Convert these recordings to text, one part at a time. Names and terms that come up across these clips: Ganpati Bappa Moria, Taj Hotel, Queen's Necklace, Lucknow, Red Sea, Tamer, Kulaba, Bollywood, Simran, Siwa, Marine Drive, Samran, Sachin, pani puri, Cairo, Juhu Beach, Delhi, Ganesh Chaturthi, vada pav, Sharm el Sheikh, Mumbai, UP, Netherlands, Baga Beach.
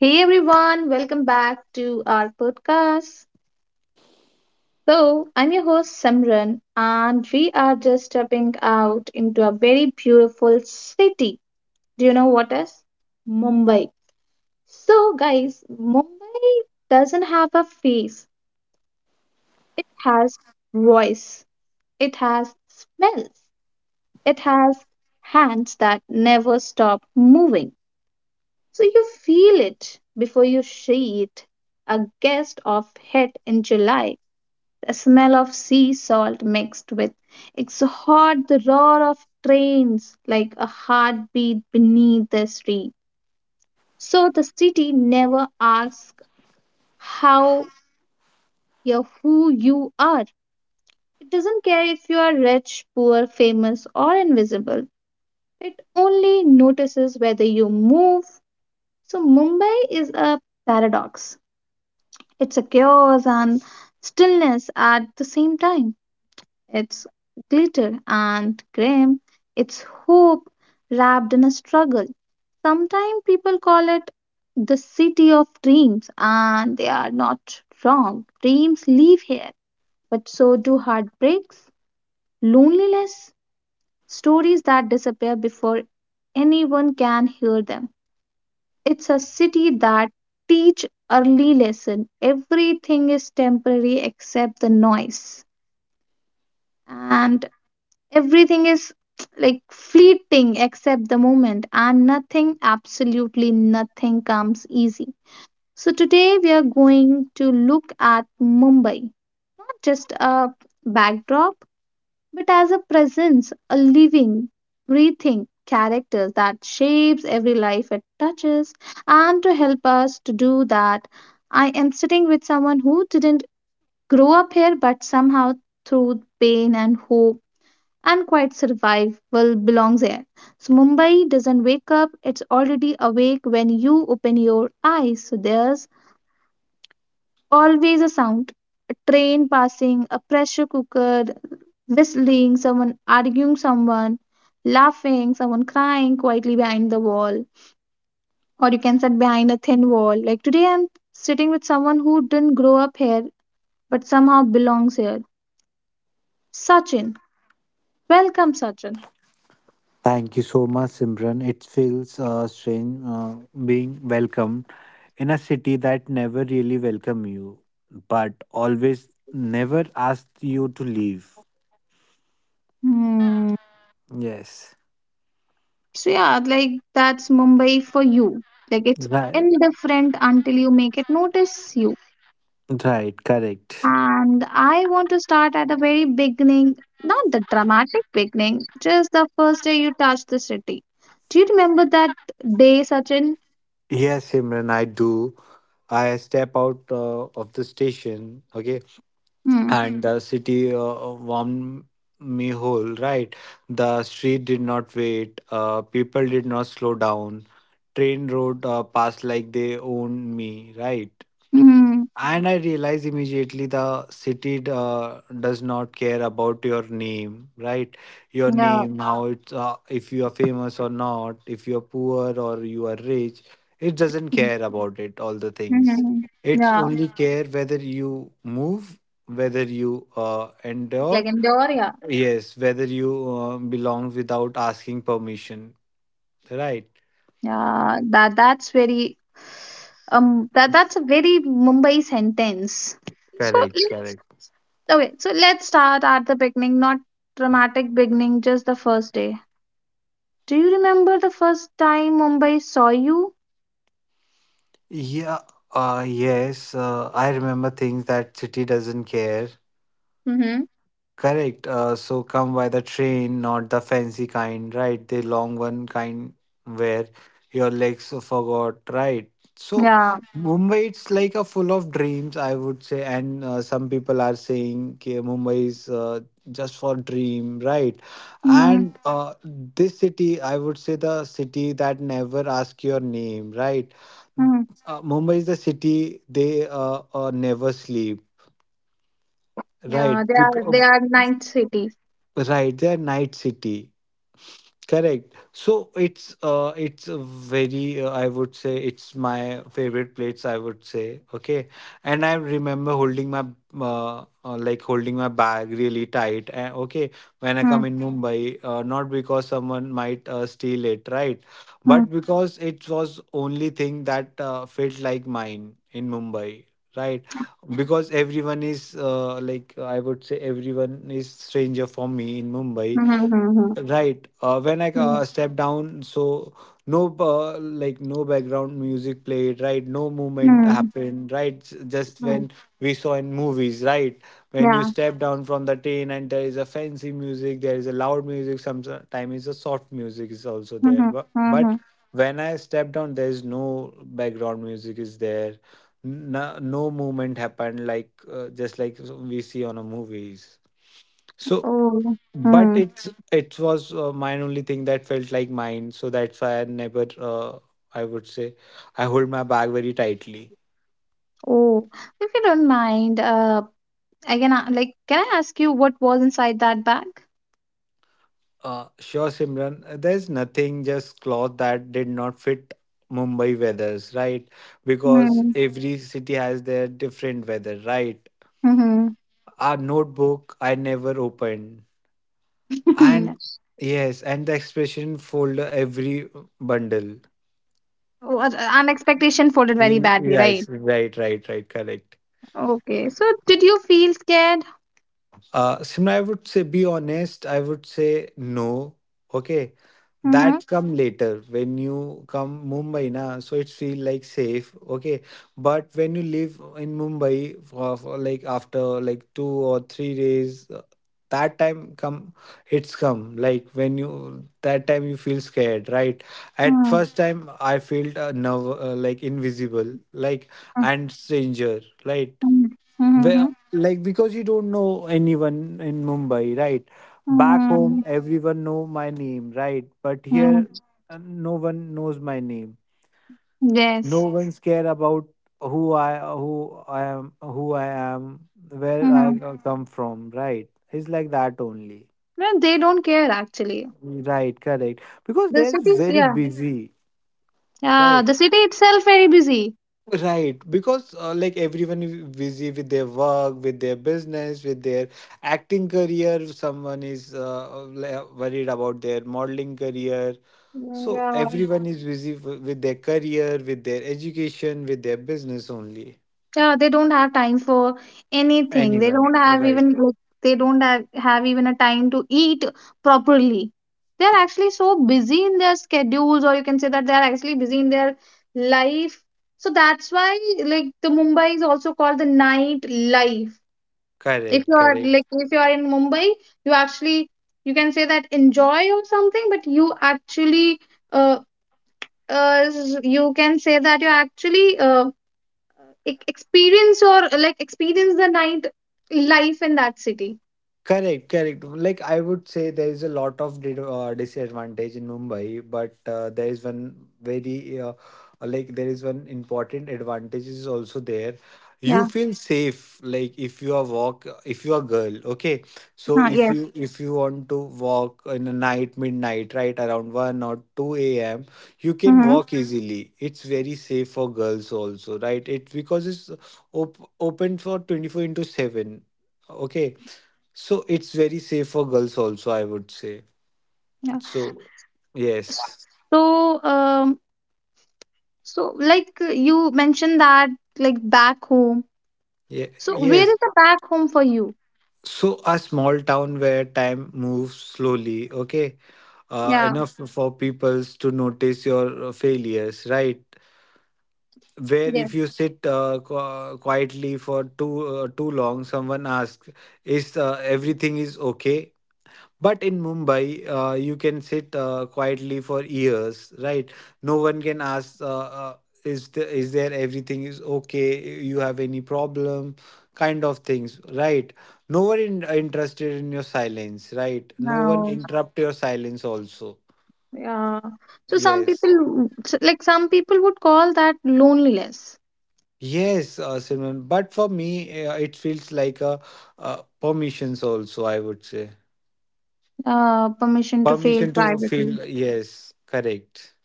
Hey everyone, welcome back to our podcast. So, I'm your host Samran, and we are just stepping out into a very beautiful city. Do you know what is? Mumbai. So, guys, Mumbai doesn't have a face, it has voice, it has smells, it has hands that never stop moving. So, you feel it before you see it. A guest of head in July. The smell of sea salt mixed with exhaust, the roar of trains like a heartbeat beneath the street. So the city never asks how or who you are. It doesn't care if you are rich, poor, famous, or invisible. It only notices whether you move. So Mumbai is a paradox. It secures and stillness at the same time. It's glitter and grim. It's hope wrapped in a struggle. Sometimes people call it the city of dreams, and they are not wrong. Dreams live here, but so do heartbreaks, loneliness, stories that disappear before anyone can hear them. It's a city that teach early lesson everything is temporary except the noise, and everything is like fleeting except the moment, and nothing, absolutely nothing, comes easy. So, today we are going to look at Mumbai, not just a backdrop, but as a presence, a living, breathing character that shapes every life it touches. And to help us to do that, I am sitting with someone who didn't grow up here but somehow through pain and hope and quite survival belongs here. So Mumbai doesn't wake up, it's already awake when you open your eyes. So there's always a sound: a train passing, a pressure cooker whistling, someone arguing, someone laughing, someone crying quietly behind the wall. Or you can sit behind a thin wall. Like today, I'm sitting with someone who didn't grow up here but somehow belongs here. Sachin. Welcome, Sachin. Thank you so much, Simran. It feels strange being welcomed in a city that never really welcomes you, but always never asks you to leave. Hmm. Yes. So yeah, like that's Mumbai for you. Like it's Right. indifferent until you make it notice you. Right. Correct. And I want to start at the very beginning, not the dramatic beginning, just the first day you touch the city. Do you remember that day, Sachin? Yes, Simran, I do. I step out of the station, okay, Hmm. and the city warmed me whole, right? The street did not wait, people did not slow down, train rode past like they owned me, right? Hmm. And I realize immediately the city does not care about your name, right? Your Yeah. name, yeah, how it's, if you are famous or not, if you are poor or you are rich, it doesn't Hmm. care about it, all the things. Hmm. It's Yeah. only, yeah, care whether you move, whether you endure, Like indoor, yeah. yes, whether you belong without asking permission, right? Yeah. That's a very Mumbai sentence. So, Correct, correct. okay, so let's start at the beginning, not dramatic beginning, just the first day. Do you remember the first time Mumbai saw you? Yeah, yes, I remember things that city doesn't care. Mm-hmm. Correct. So come by the train, not the fancy kind, right? The long one kind where your legs forgot, right? So Yeah. Mumbai, it's like a full of dreams, I would say. And some people are saying, "Okay, Mumbai is just for dream," right? Mm, And this city, I would say, the city that never ask your name, right? mm. Mumbai is the city they never sleep, Yeah, right? they are night city. Right, they're night city. Correct. So it's a very I would say it's my favorite plates, I would say. Okay, and I remember holding my bag really tight, and okay, when I come Mm, in Mumbai, not because someone might steal it, right, mm, but because it was only thing that felt like mine in Mumbai, right, because everyone is, like I would say, everyone is stranger for me in Mumbai. mm, mm, Right. When I mm, step down, so no, like no background music played, right? No movement mm, happened, right? Just mm. when we saw in movies, right? When you Yeah. step down from the train and there is a fancy music, there is a loud music. Sometimes it's a soft music is also there, Mm-hmm. but Mm-hmm. but when I step down, there is no background music is there. No, movement happened, like just like we see on a movies. So Oh. but Mm-hmm. it's it was mine only thing that felt like mine, so that's why I never I would say I hold my bag very tightly. Oh. If you don't mind, like, can I ask you what was inside that bag? Sure, Simran. There's nothing, just cloth that did not fit Mumbai weathers, right? Because Mm. every city has their different weather, right? Mm-hmm. Our notebook I never opened, and yes, and the expression folder, every bundle. Oh, an expectation folded very badly, Yes, right? right, right, right, correct. Okay. So, did you feel scared? Simran, I would say be honest. I would say no. Okay, Mm-hmm. that come later when you come Mumbai na. So it feel like safe. Okay, but when you live in Mumbai for like after like 2 or 3 days, that time come, it's come like when you that time you feel scared, right? At Mm-hmm. first time I felt nerve, like invisible, like and stranger, right? Mm-hmm. Where, like because you don't know anyone in Mumbai, right? Back home, everyone know my name, right? But here, Mm-hmm. No one knows my name. No Yes. one's care about who I am, where I Mm-hmm. Come from, right? It's like that only, Well, they don't care actually. right? Correct. Because The they're city, very yeah. busy, Yeah, right? the city itself very busy. Right, because like everyone is busy with their work, with their business, with their acting career. Someone is worried about their modeling career. So Yeah. everyone is busy with their career, with their education, with their business only. Yeah, they don't have time for anything. Anyone, right? They don't have even a time to eat properly. They are actually so busy in their schedules, or you can say that they are actually busy in their life. So that's why, like, the Mumbai is also called the night life. If Correct, you are correct. like if you are in Mumbai, you actually you can say that enjoy or something, but uh uh you can say that experience or like experience the night life in that city. Correct, correct. Like I would say, there is a lot of disadvantage in Mumbai, but there is one very like there is one important advantage is also there. You Yeah. feel safe, like if you are walk, if you are girl, okay. So Huh, if yes. you if you want to walk in a night, midnight, right around 1 or 2 a.m., you can Mm-hmm. walk easily. It's very safe for girls also, right? It because it's open for 24 into seven. Okay, so it's very safe for girls also, I would say. Yeah. So yes. so um so, like, you mentioned that like back home, Yeah, so where yes. is the back home for you? So a small town where time moves slowly, okay? Yeah. Enough for people to notice your failures, right? Where Yes. if you sit quietly for too long, someone asks, "Is everything is okay?" But in Mumbai, you can sit quietly for years, right? No one can ask, uh, is is there everything is okay? You have any problem? Kind of things, right? No one interested in your silence, right? No one Now. interrupt your silence also. Yeah, so some Yes. people w- s- like some people would call that loneliness. Yes, Simran. But for me, it feels like permissions also, I would say. Permission to fail Permission to privately. feel, yes, correct.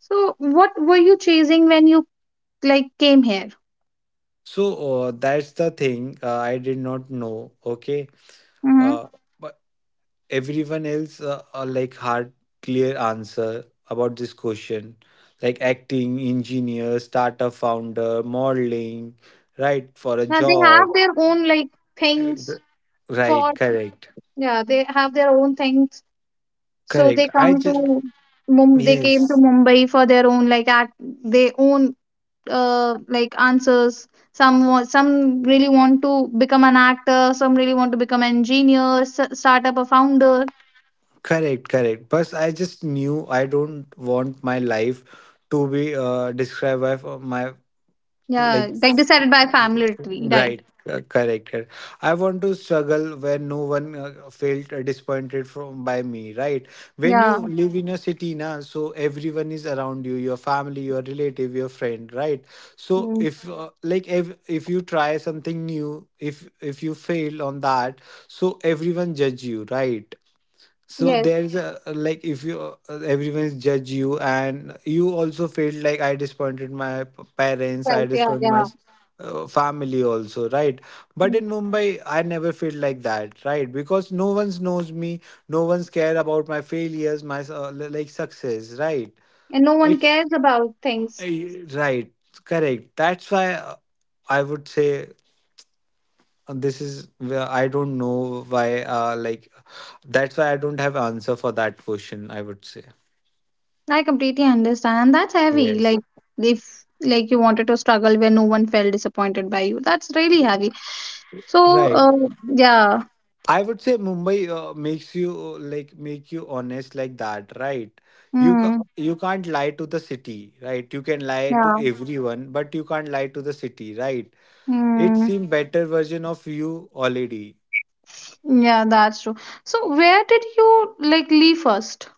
So what were you chasing when you like came So that's the thing, I did not know. Okay, here? uh, but everyone else are like hard clear answer about this question, like acting, engineer, startup founder, modeling, right for a Yeah, they have job. their own like Uh, things for, right? Correct, yeah, they have their own things. So correct. I just they came to Yes, Mumbai for their own, like, act they own like answers. Some really want to become an actor, some really want to become an engineer, s start up a founder. correct, correct. But I just knew I don't want my life to be described by my Yeah, like. like decided by family tree, right? Right, correct. Correct. I want to struggle where no one felt disappointed from by me. Right, when you Yeah. live in a city na, so everyone is around you, your family, your relative, your friend. Right, so Mm. if like if you try something new, if you fail on that, so everyone judge you. Right, so Yes, there is a, like if you, everyone judge you and you also felt like I disappointed my parents, right. I Yeah, disappointed yeah. my family also, right? But Mm. in Mumbai, I never felt like that, right? Because no one's knows me, no one's care about my failures, my like success, right? And no one It's cares about things. right, correct. That's why, I would say, this is where I don't know why, that's why I don't have answer for that question, I would say. I completely understand. That's heavy. Yes, Like if, like, you wanted to struggle where no one felt disappointed by you. That's really heavy. So, right, yeah. I would say Mumbai make you honest like that, right? Mm, You can't lie to the city, right? You can lie to yeah. everyone but you can't lie to the city, right? It Mm, seems better version of you already. yeah, that's true. So where did you like leave 1st?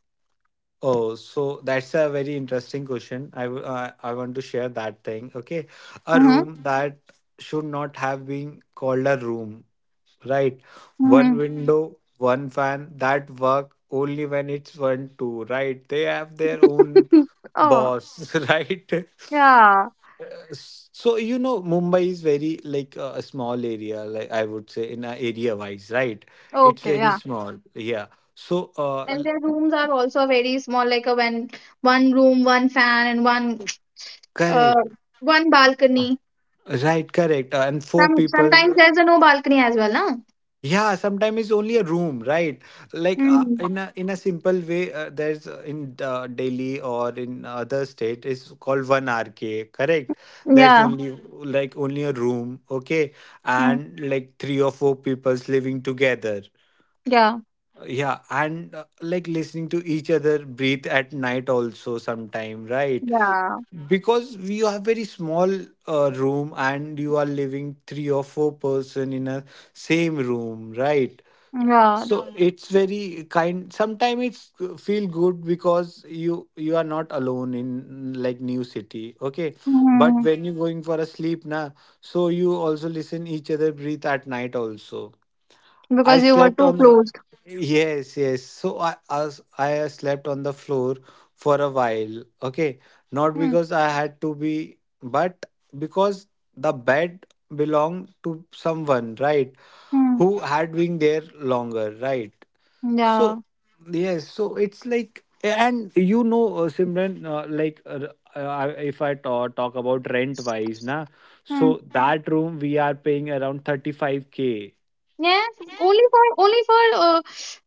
Oh, so that's a very interesting question. I want to share that thing. Okay. A Mm-hmm. room that should not have been called a room, right? One Mm-hmm. Window, one fan that work only when it's one, two, right? They have their own Oh, boss, right? yeah. So, Mumbai is very like a small area, like I would say in a area wise, right? It's Okay, very yeah. small. Yeah. So, And their rooms are also very small, like a when one room, one fan, and uh correct. one balcony. Right, correct. And four Sometimes people. there's a no balcony as well, huh? Yeah, sometimes it's only a room, right? Like Hmm. in a simple way, there's in Delhi or in other state is called one RK, correct? There's Yeah. only like only a room, okay, Mm. and like three or four people's living together. Yeah. Yeah, and like listening to each other breathe at night also sometime, right? Yeah. Because we have very small room and you are living three or four person in a same room, right? Yeah. So it's very kind. Sometimes it's feel good because you are not alone in like new city, okay? But Mm. when you're going for a sleep, na, so you also listen each other breathe at night also. I Because you were slept too on the closed. Yes, yes. So I slept on the floor for a while. Okay, not Mm. because I had to be, but because the bed belonged to someone, right? Mm. Who had been there longer, right? So Yeah. yes, so it's like, and Simran, if I talk about rent wise, na, Mm. so that room we are paying around 35K. Yeah. Only for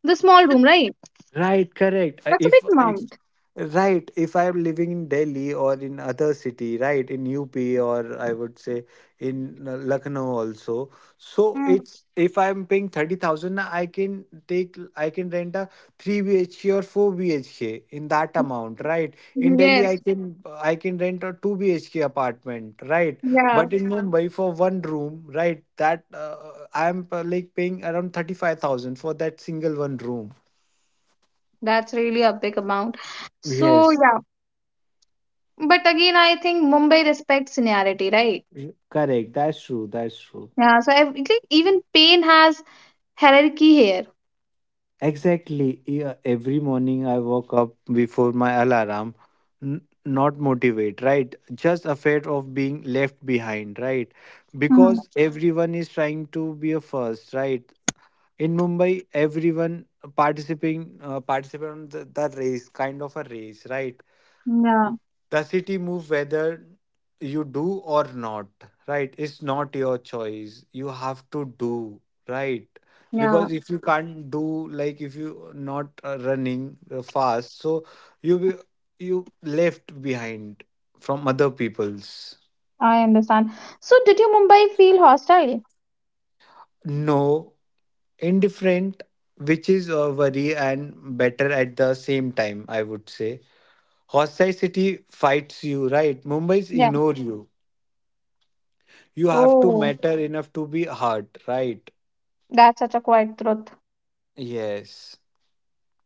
the small room, right? Right, correct. Uh, That's a big If if amount. right, if I am living in Delhi or in other city, right, in UP or I would say in Lucknow also. So Mm. it's if I'm paying 30,000, na, I can rent a 3 BHK or 4 BHK in that amount, right? In Delhi I Yes. can I can rent a 2 BHK apartment, right? Yeah. But in, yeah, Mumbai for one room, right, that I am, like, paying around 35,000 for that single one room. That's really a big amount. So Yes. yeah. But again, I think Mumbai respects seniority, right? Correct. That's true. That's true. Yeah. So like, even pain has hierarchy here. Exactly. Yeah, every morning I woke up before my alarm, not motivate, right? Just afraid of being left behind, right? Hmm. Because everyone is trying to be a first, right? In Mumbai, everyone participate on the race, kind of a race, right? Yeah. The city move, whether you do or not, right? It's not your choice. You have to do, right? Yeah. Because if you can't do, like if you not running fast, so you will- you left behind from other people's. I understand. So did you Mumbai feel hostile? No, indifferent, which is a worry and better at the same time, I would say. Hostile city fights you, right? Mumbai's Yeah. ignore you. You have to Oh, matter enough to be hurt, right? that's such a quiet truth. Yes.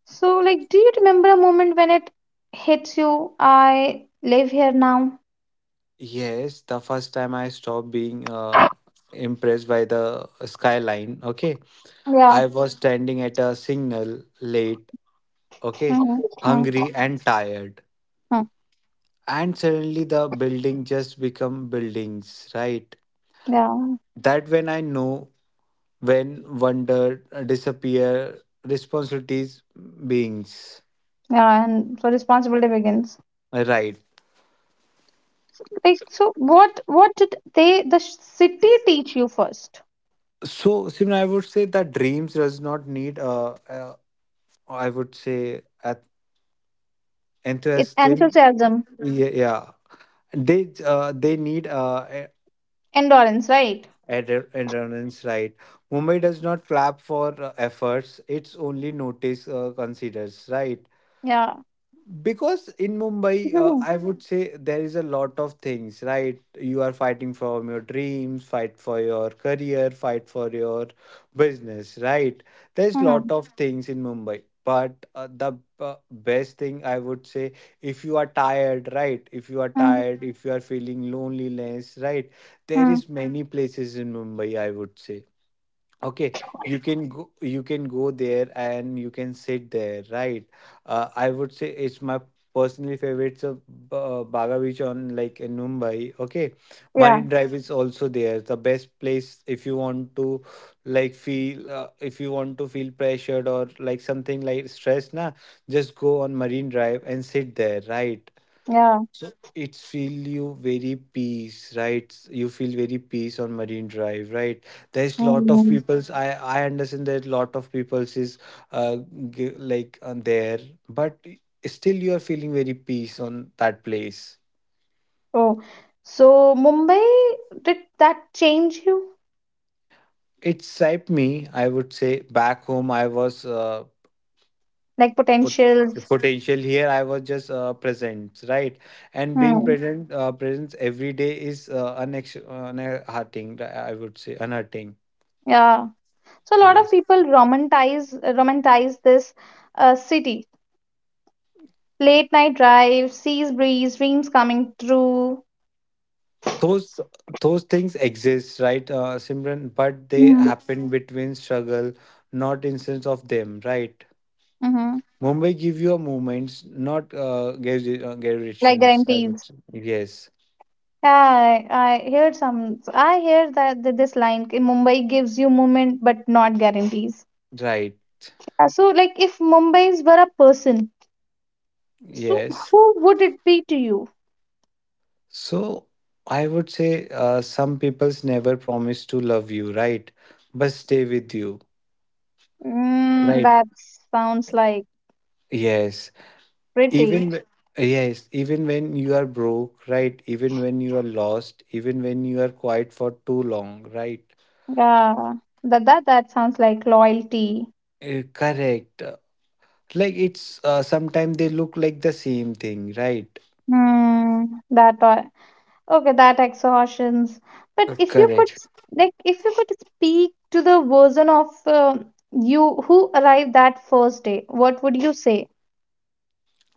So, like, do you remember a moment when it hits you? I live here now. Yes, the first time I stopped being impressed by the skyline, okay? Yeah. I was standing at a signal late, okay? Mhm, mm, Hungry and tired. mm, And suddenly the building just become buildings, right? yeah. That when I know, when wonder disappear, responsibilities beings, Yeah. And so responsibility begins. right? Like, so what did the city teach you first? So, Simran, I would say that dreams does not need I would say at It enthusiasm. enthusiasm, Yeah, yeah. They need endurance, right? Endurance, right? Mumbai does not clap for efforts. It's only notice considers, right? Yeah. Because in Mumbai, Mhm, I would say there is a lot of things, right? You are fighting for your dreams, fight for your career, fight for your business, right? There's mhm, lot of things in Mumbai, but the uh, best thing, I would say, if you are tired, right, if you are mm, tired, if you are feeling loneliness, right, there mm, is many places in Mumbai, I would say. Okay, you can go there and you can sit there, right? I would say it's my personally favorite, so Baga Beach on, like, in Mumbai. Okay. yeah. Marine Drive is also there. The best place if you want to, like, feel if you want to feel pressured or like something like stress, na, just go on Marine Drive and sit there, right? Yeah. So it feel you very peace, right? You feel very peace on Marine Drive, right? There's lot of Mm. people's. I understand that lot of people's is uh g- like on there, but still you are feeling very peace on that place. Oh, so Mumbai, did that change you? It's shaped me. I would say back home I was Like pot- potentials. potential. Here I was just present, right? And being Hmm. present, presence every day is unhearting. I would say unhearting. Yeah. So a lot of Yes. people romanticize this city. Late night drive, seas breeze, dreams coming true. those those things exist, right? Simran, but they Mm-hmm. happen between struggle, not instance of them, right? Mm-hmm. Mumbai give you a moments, not Like garrisons, I would guarantees. say. Yes, Yeah, I heard some. I hear that this line "Ki Mumbai gives you moment but not guarantees." right. Yeah, so, like, if Mumbai's were a person, so Yes. who would it be to you? So I would say some people's never promise to love you, right? But stay with you, Mm, right? that sounds like Yes. pretty. even wh- yes, even when you are broke, right, even when you are lost, even when you are quiet for too long, right. Yeah, that sounds like loyalty. Correct. Like it's sometimes they look like the same thing, right. Hmm. That, okay, that exhaustions. But if you could Correct. s- like, if you could speak to the version of you who arrived that first day, what would you say?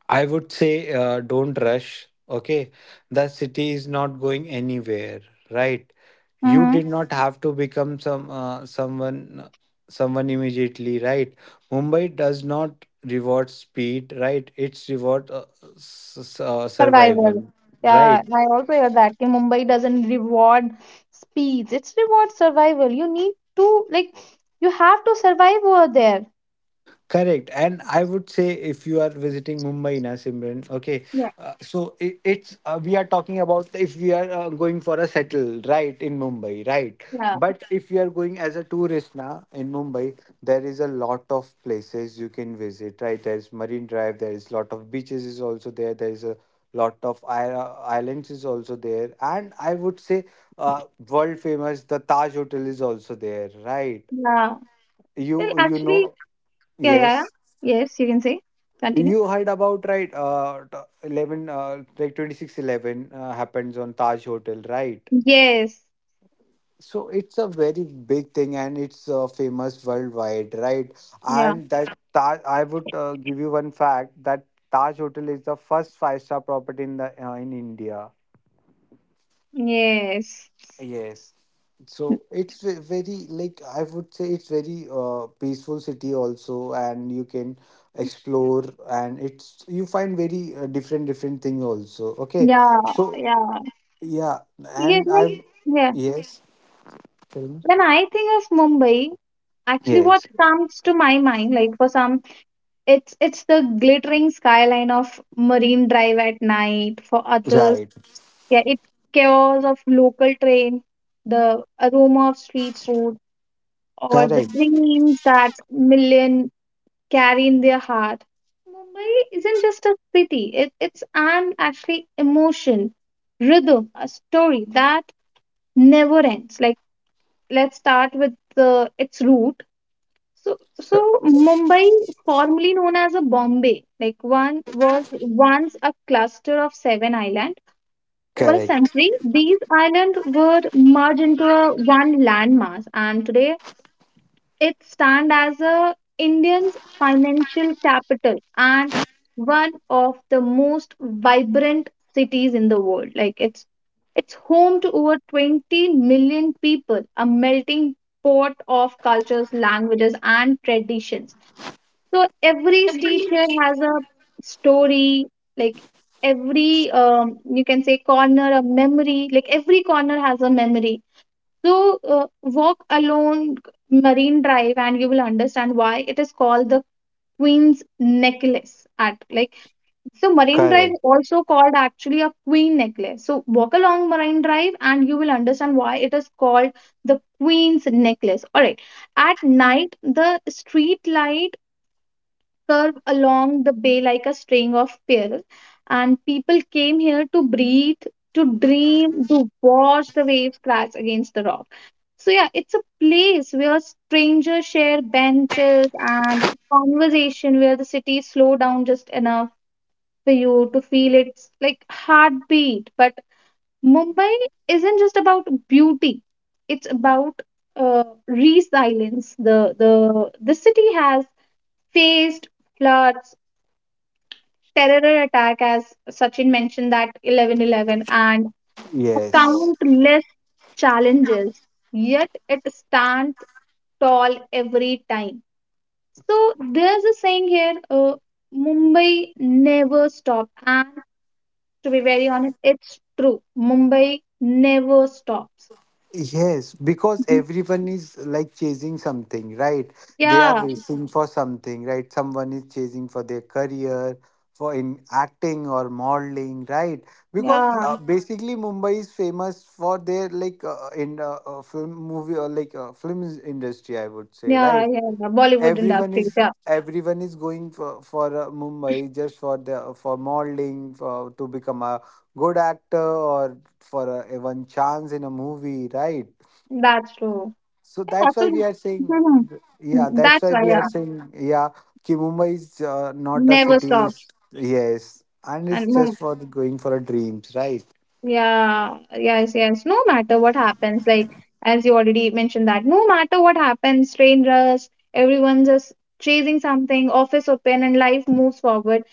I would say, don't rush. Okay. The city is not going anywhere, right? You Mm-hmm. did not have to become someone immediately, right? Mumbai does not reward speed, right? It's reward Survival. survival, Yeah, right? I also hear that. कि Mumbai doesn't reward speeds; it's reward survival. You need to, like, you have to survive over there. Correct. And I would say if you are visiting Mumbai, na, Simran, okay, Yeah. So it's we are talking about if we are going for a settle, right, in Mumbai, right. Yeah, But if you are going as a tourist na in Mumbai, there is a lot of places you can visit, right? There's Marine Drive, there is lot of beaches is also there is a lot of islands is also there, and I would say world famous the Taj Hotel is also there, right? yeah. Well, You actually, know, yeah, yeah, yeah. yes. Yes, you can say. Continue. You heard about, right? 11, like 26/11 happens on Taj Hotel, right? Yes. So it's a very big thing, and it's famous worldwide, right? Yeah. And that Taj, I would give you one fact that Taj Hotel is the first five-star property in the in India. Yes. Yes. So it's very, like I would say it's very peaceful city also, and you can explore and it's you find very different different thing also. Okay. Yeah. So Yeah. yeah, Yes. and When, I, yeah. yes, tell me. When I think of Mumbai, actually what Yes, comes to my mind, like for some, it's the glittering skyline of Marine Drive at night. For others, right, yeah, it's chaos of local train, the aroma of street food, or the correct, dreams that million carry in their heart. Mumbai isn't just a city, it's an actually emotion, rhythm, a story that never ends. Like, let's start with its root. So, Mumbai, formerly known as a Bombay, like one was once a cluster of seven islands. Over a correct, century, these islands were merged into a one landmass, and today it stands as a Indian's financial capital and one of the most vibrant cities in the world. Like, it's home to over 20 million people, a melting pot of cultures, languages, and traditions. So every street here has a story, like every, you can say, corner a memory, like every corner has a memory. So, walk along Marine Drive and you will understand why it is called the Queen's Necklace. At, like, so Marine Drive correct. also called actually a Queen Necklace. So, walk along Marine Drive and you will understand why it is called the Queen's Necklace. All right. At night, the street light curve along the bay like a string of pearls, and people came here to breathe, to dream, to watch the waves crash against the rock. So yeah, it's a place where strangers share benches and conversation where the city slow down just enough for you to feel its like heartbeat. But Mumbai isn't just about beauty; it's about resilience. The city has faced floods, terror attack, as Sachin mentioned that 11 11, and Yes. countless challenges. Yet it stands tall every time. So there's a saying here, Mumbai never stops. And to be very honest, it's true. Mumbai never stops. Yes, because Mhm. everyone is like chasing something, right? They are Yeah, racing for something, right? Someone is chasing for their career, for in acting or modeling, right? Because yeah, basically Mumbai is famous for their, like, in film movie or like film industry, I would say, yeah, right? yeah, yeah. Bollywood Everyone industry, is yeah. everyone is going for Mumbai just for the for modeling for to become a good actor or for a one chance in a movie, right? That's true. So Yeah, that's why we so are saying, yeah, Mhm. that's That's why why, we are yeah. saying, yeah, ki Mumbai is not a Never city. Stops. Yes, and it's And Mumbai. just for the going for a dreams, right? Yeah, yes, yes. No matter what happens, like as you already mentioned that, no matter what happens, train rush, everyone just chasing something, office open, and life moves forward.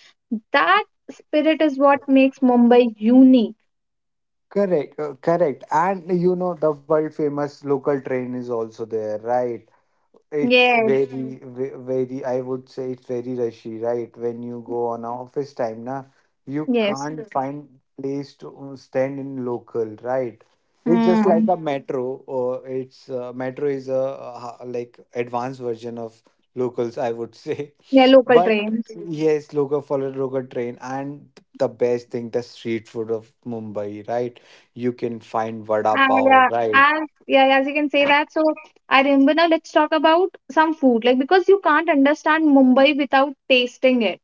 That spirit is what makes Mumbai unique. Correct, correct. And you know, the world famous local train is also there, right? It's Yes, very, I would say it's very rushy, right? When you go on a office time, na, you yes. can't find place to stand in local, right? It's just like Hmm. a metro, or it's metro is a like advanced version of locals, I would say. Yeah, local But trains. Yes, local follow local train, and the best thing, the street food of Mumbai, right? You can find vada Ah, pav, yeah, right? As you can say that. So I remember now. Let's talk about some food, like because you can't understand Mumbai without tasting it.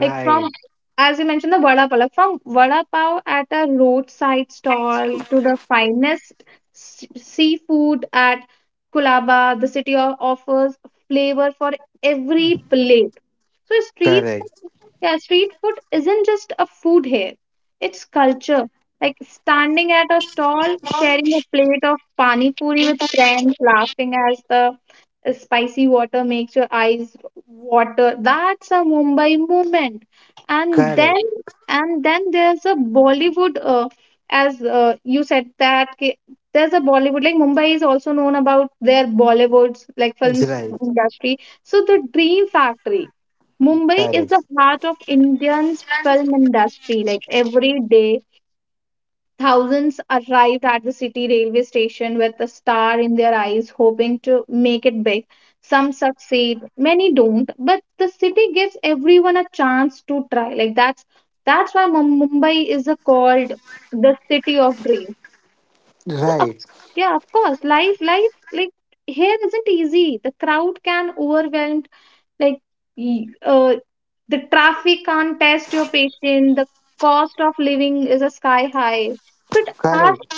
Like from, as you mentioned, the vada pav, like from vada pav at a roadside stall to the finest seafood at Kulaba, the city of, offers flavor for every plate. So street correct, food, yeah, street food isn't just a food here; it's culture. Like standing at a stall, sharing a plate of pani puri with friends, laughing as the spicy water makes your eyes water. That's a Mumbai movement. And then, correct. and then there's a Bollywood, as you said that there's a Bollywood. Like Mumbai is also known about their Bollywoods, like films Right. industry. So the Dream Factory. Mumbai is the Correct. heart of Indian's film industry. Like every day thousands arrived at the city railway station with a star in their eyes, hoping to make it big. Some succeed, many don't, but the city gives everyone a chance to try. Like that's why Mumbai is called the city of dreams. So Right. Of course, life like here isn't easy. The crowd can overwhelm, like y- uh, the traffic can't test your patience. The cost of living is a sky high. But Correct.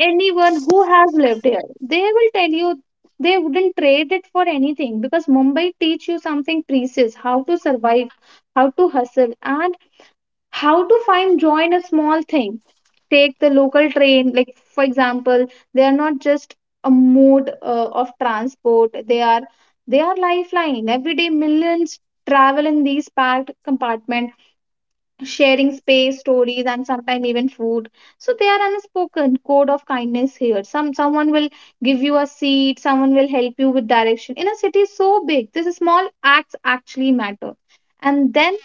anyone who has lived here, they will tell you they wouldn't trade it for anything, because Mumbai teach you something precious: how to survive, how to hustle, and how to find joy in a small thing. Take the local train, like for example. They are not just a mode of transport. They are lifeline. Every day millions travel in these packed compartments, sharing space, stories, and sometimes even food. So they are unspoken code of kindness here. Someone will give you a seat, someone will help you with direction. In a city so big, these small acts actually matter. And then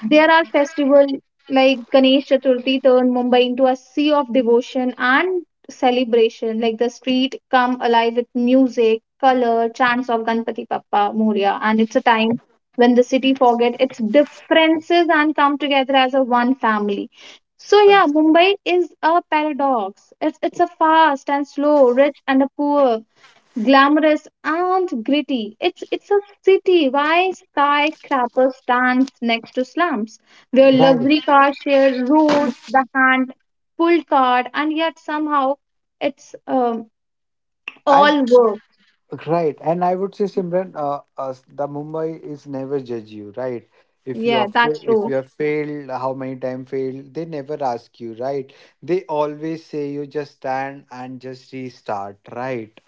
there are festivals like Ganesh Chaturthi turn Mumbai into a sea of devotion and celebration. Like the street come alive with music, color, chants of Ganpati Bappa Moria, and it's a time when the city forget its differences and come together as a one family. So Uh, yeah, Mumbai is a paradox. It's a fast and slow, rich and a poor, glamorous and gritty. It's a city why skyscrapers stands next to slums, where Right. luxury cars share roads, the hand pulled cart, and yet somehow it's And all work. right. And I would say, Simran, the Mumbai is never judge you, right? Yeah, that's If true. you have failed, how many time failed, they never ask you, right? They always say you just stand and just restart, right?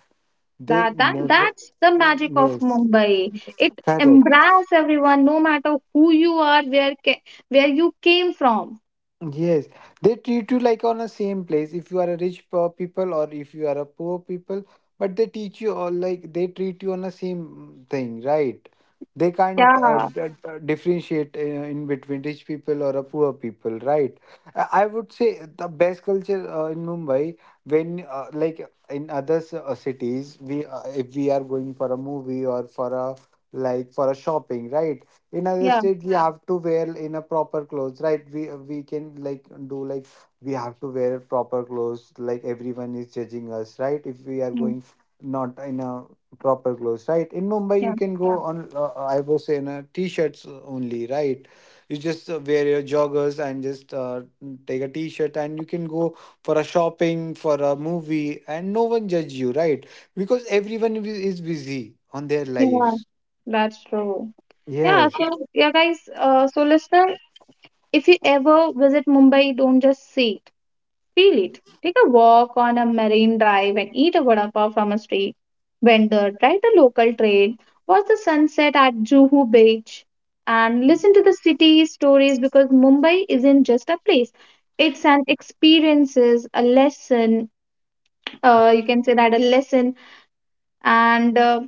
They That that never. that's the magic of Yes. Mumbai. It Correct. embraces everyone, no matter who you are, where where you came from. Yes, they treat you like on the same place if you are a rich poor people or if you are a poor people, but they teach you all like they treat you on the same thing, right? They can't Yeah, differentiate in between rich people or a poor people, right? I would say the best culture in Mumbai when like in other cities we if we are going for a movie or for a, like, for a shopping, right? In other yeah, states we, yeah, have to wear in a proper clothes, right? We can like do, like, we have to wear proper clothes, like everyone is judging us, right, if we are mm, going not in a proper clothes, right. In Mumbai yeah, you can go, yeah, on I was saying t-shirts only, right. You just wear your joggers and just take a t-shirt and you can go for a shopping for a movie and no one judge you, right? Because everyone is busy on their yeah. lives. That's true. Yeah, Yes. so yeah, guys. So listener, if you ever visit Mumbai, don't just see it, feel it. Take a walk on a marine drive and eat a vada pav from a street vendor. Ride the local train. Watch the sunset at Juhu Beach, and listen to the city stories, because Mumbai isn't just a place. It's an experiences, a lesson. You can say that a lesson and.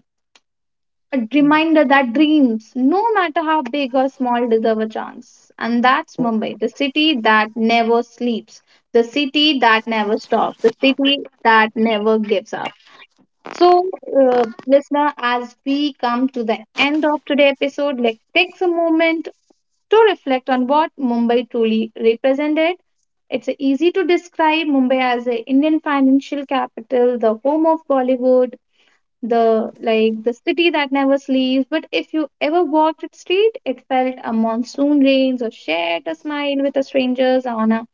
A reminder that dreams, no matter how big or small, deserve a chance. And that's Mumbai, the city that never sleeps, the city that never stops, the city that never gives up. So, listener, as we come to the end of today's episode, like takes a moment to reflect on what Mumbai truly represented. It's easy to describe Mumbai as the Indian financial capital, the home of Bollywood, the like the city that never sleeps, but if you ever walked its street, it felt a monsoon rains or shared a smile with a strangers on a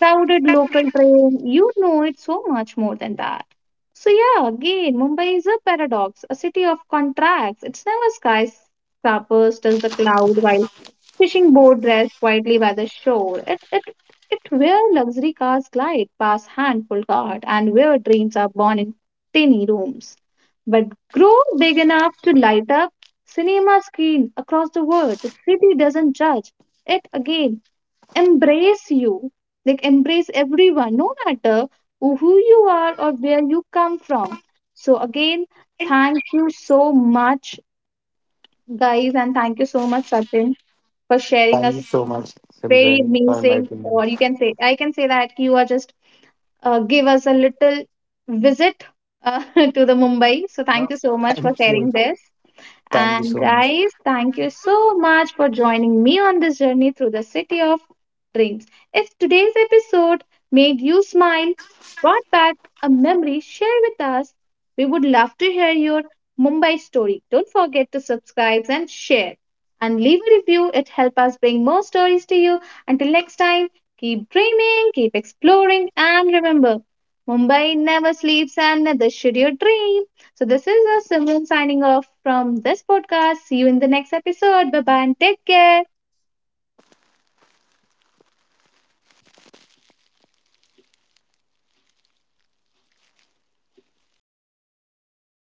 crowded local train, you know it so much more than that. So yeah, again, Mumbai is a paradox, a city of contracts. It's never skyscrapers does the cloud while fishing boat drives quietly by the shore. It Where luxury cars glide past handful cart, and where dreams are born in tiny rooms, but grow big enough to light up cinema screen across the world. The city doesn't judge. It again embrace you. Like embrace everyone, no matter who you are or where you come from. So again, thank you so much, guys, and thank you so much, Satin, for sharing Thank you us so much, very Simran, for amazing. inviting Or us. you can say, I can say that you are just give us a little visit uh, to the Mumbai. So No. thank you so much Thank for you. sharing this. Thank you And so much. guys, thank you so much for joining me on this journey through the city of dreams. If today's episode made you smile, brought back a memory, share with us. We would love to hear your Mumbai story. Don't forget to subscribe and share. And leave a review, it helps us bring more stories to you. Until next time, keep dreaming, keep exploring, and remember, Mumbai never sleeps and neither should your dream. So, this is us, Simran, signing off from this podcast. See you in the next episode. Bye bye and take care.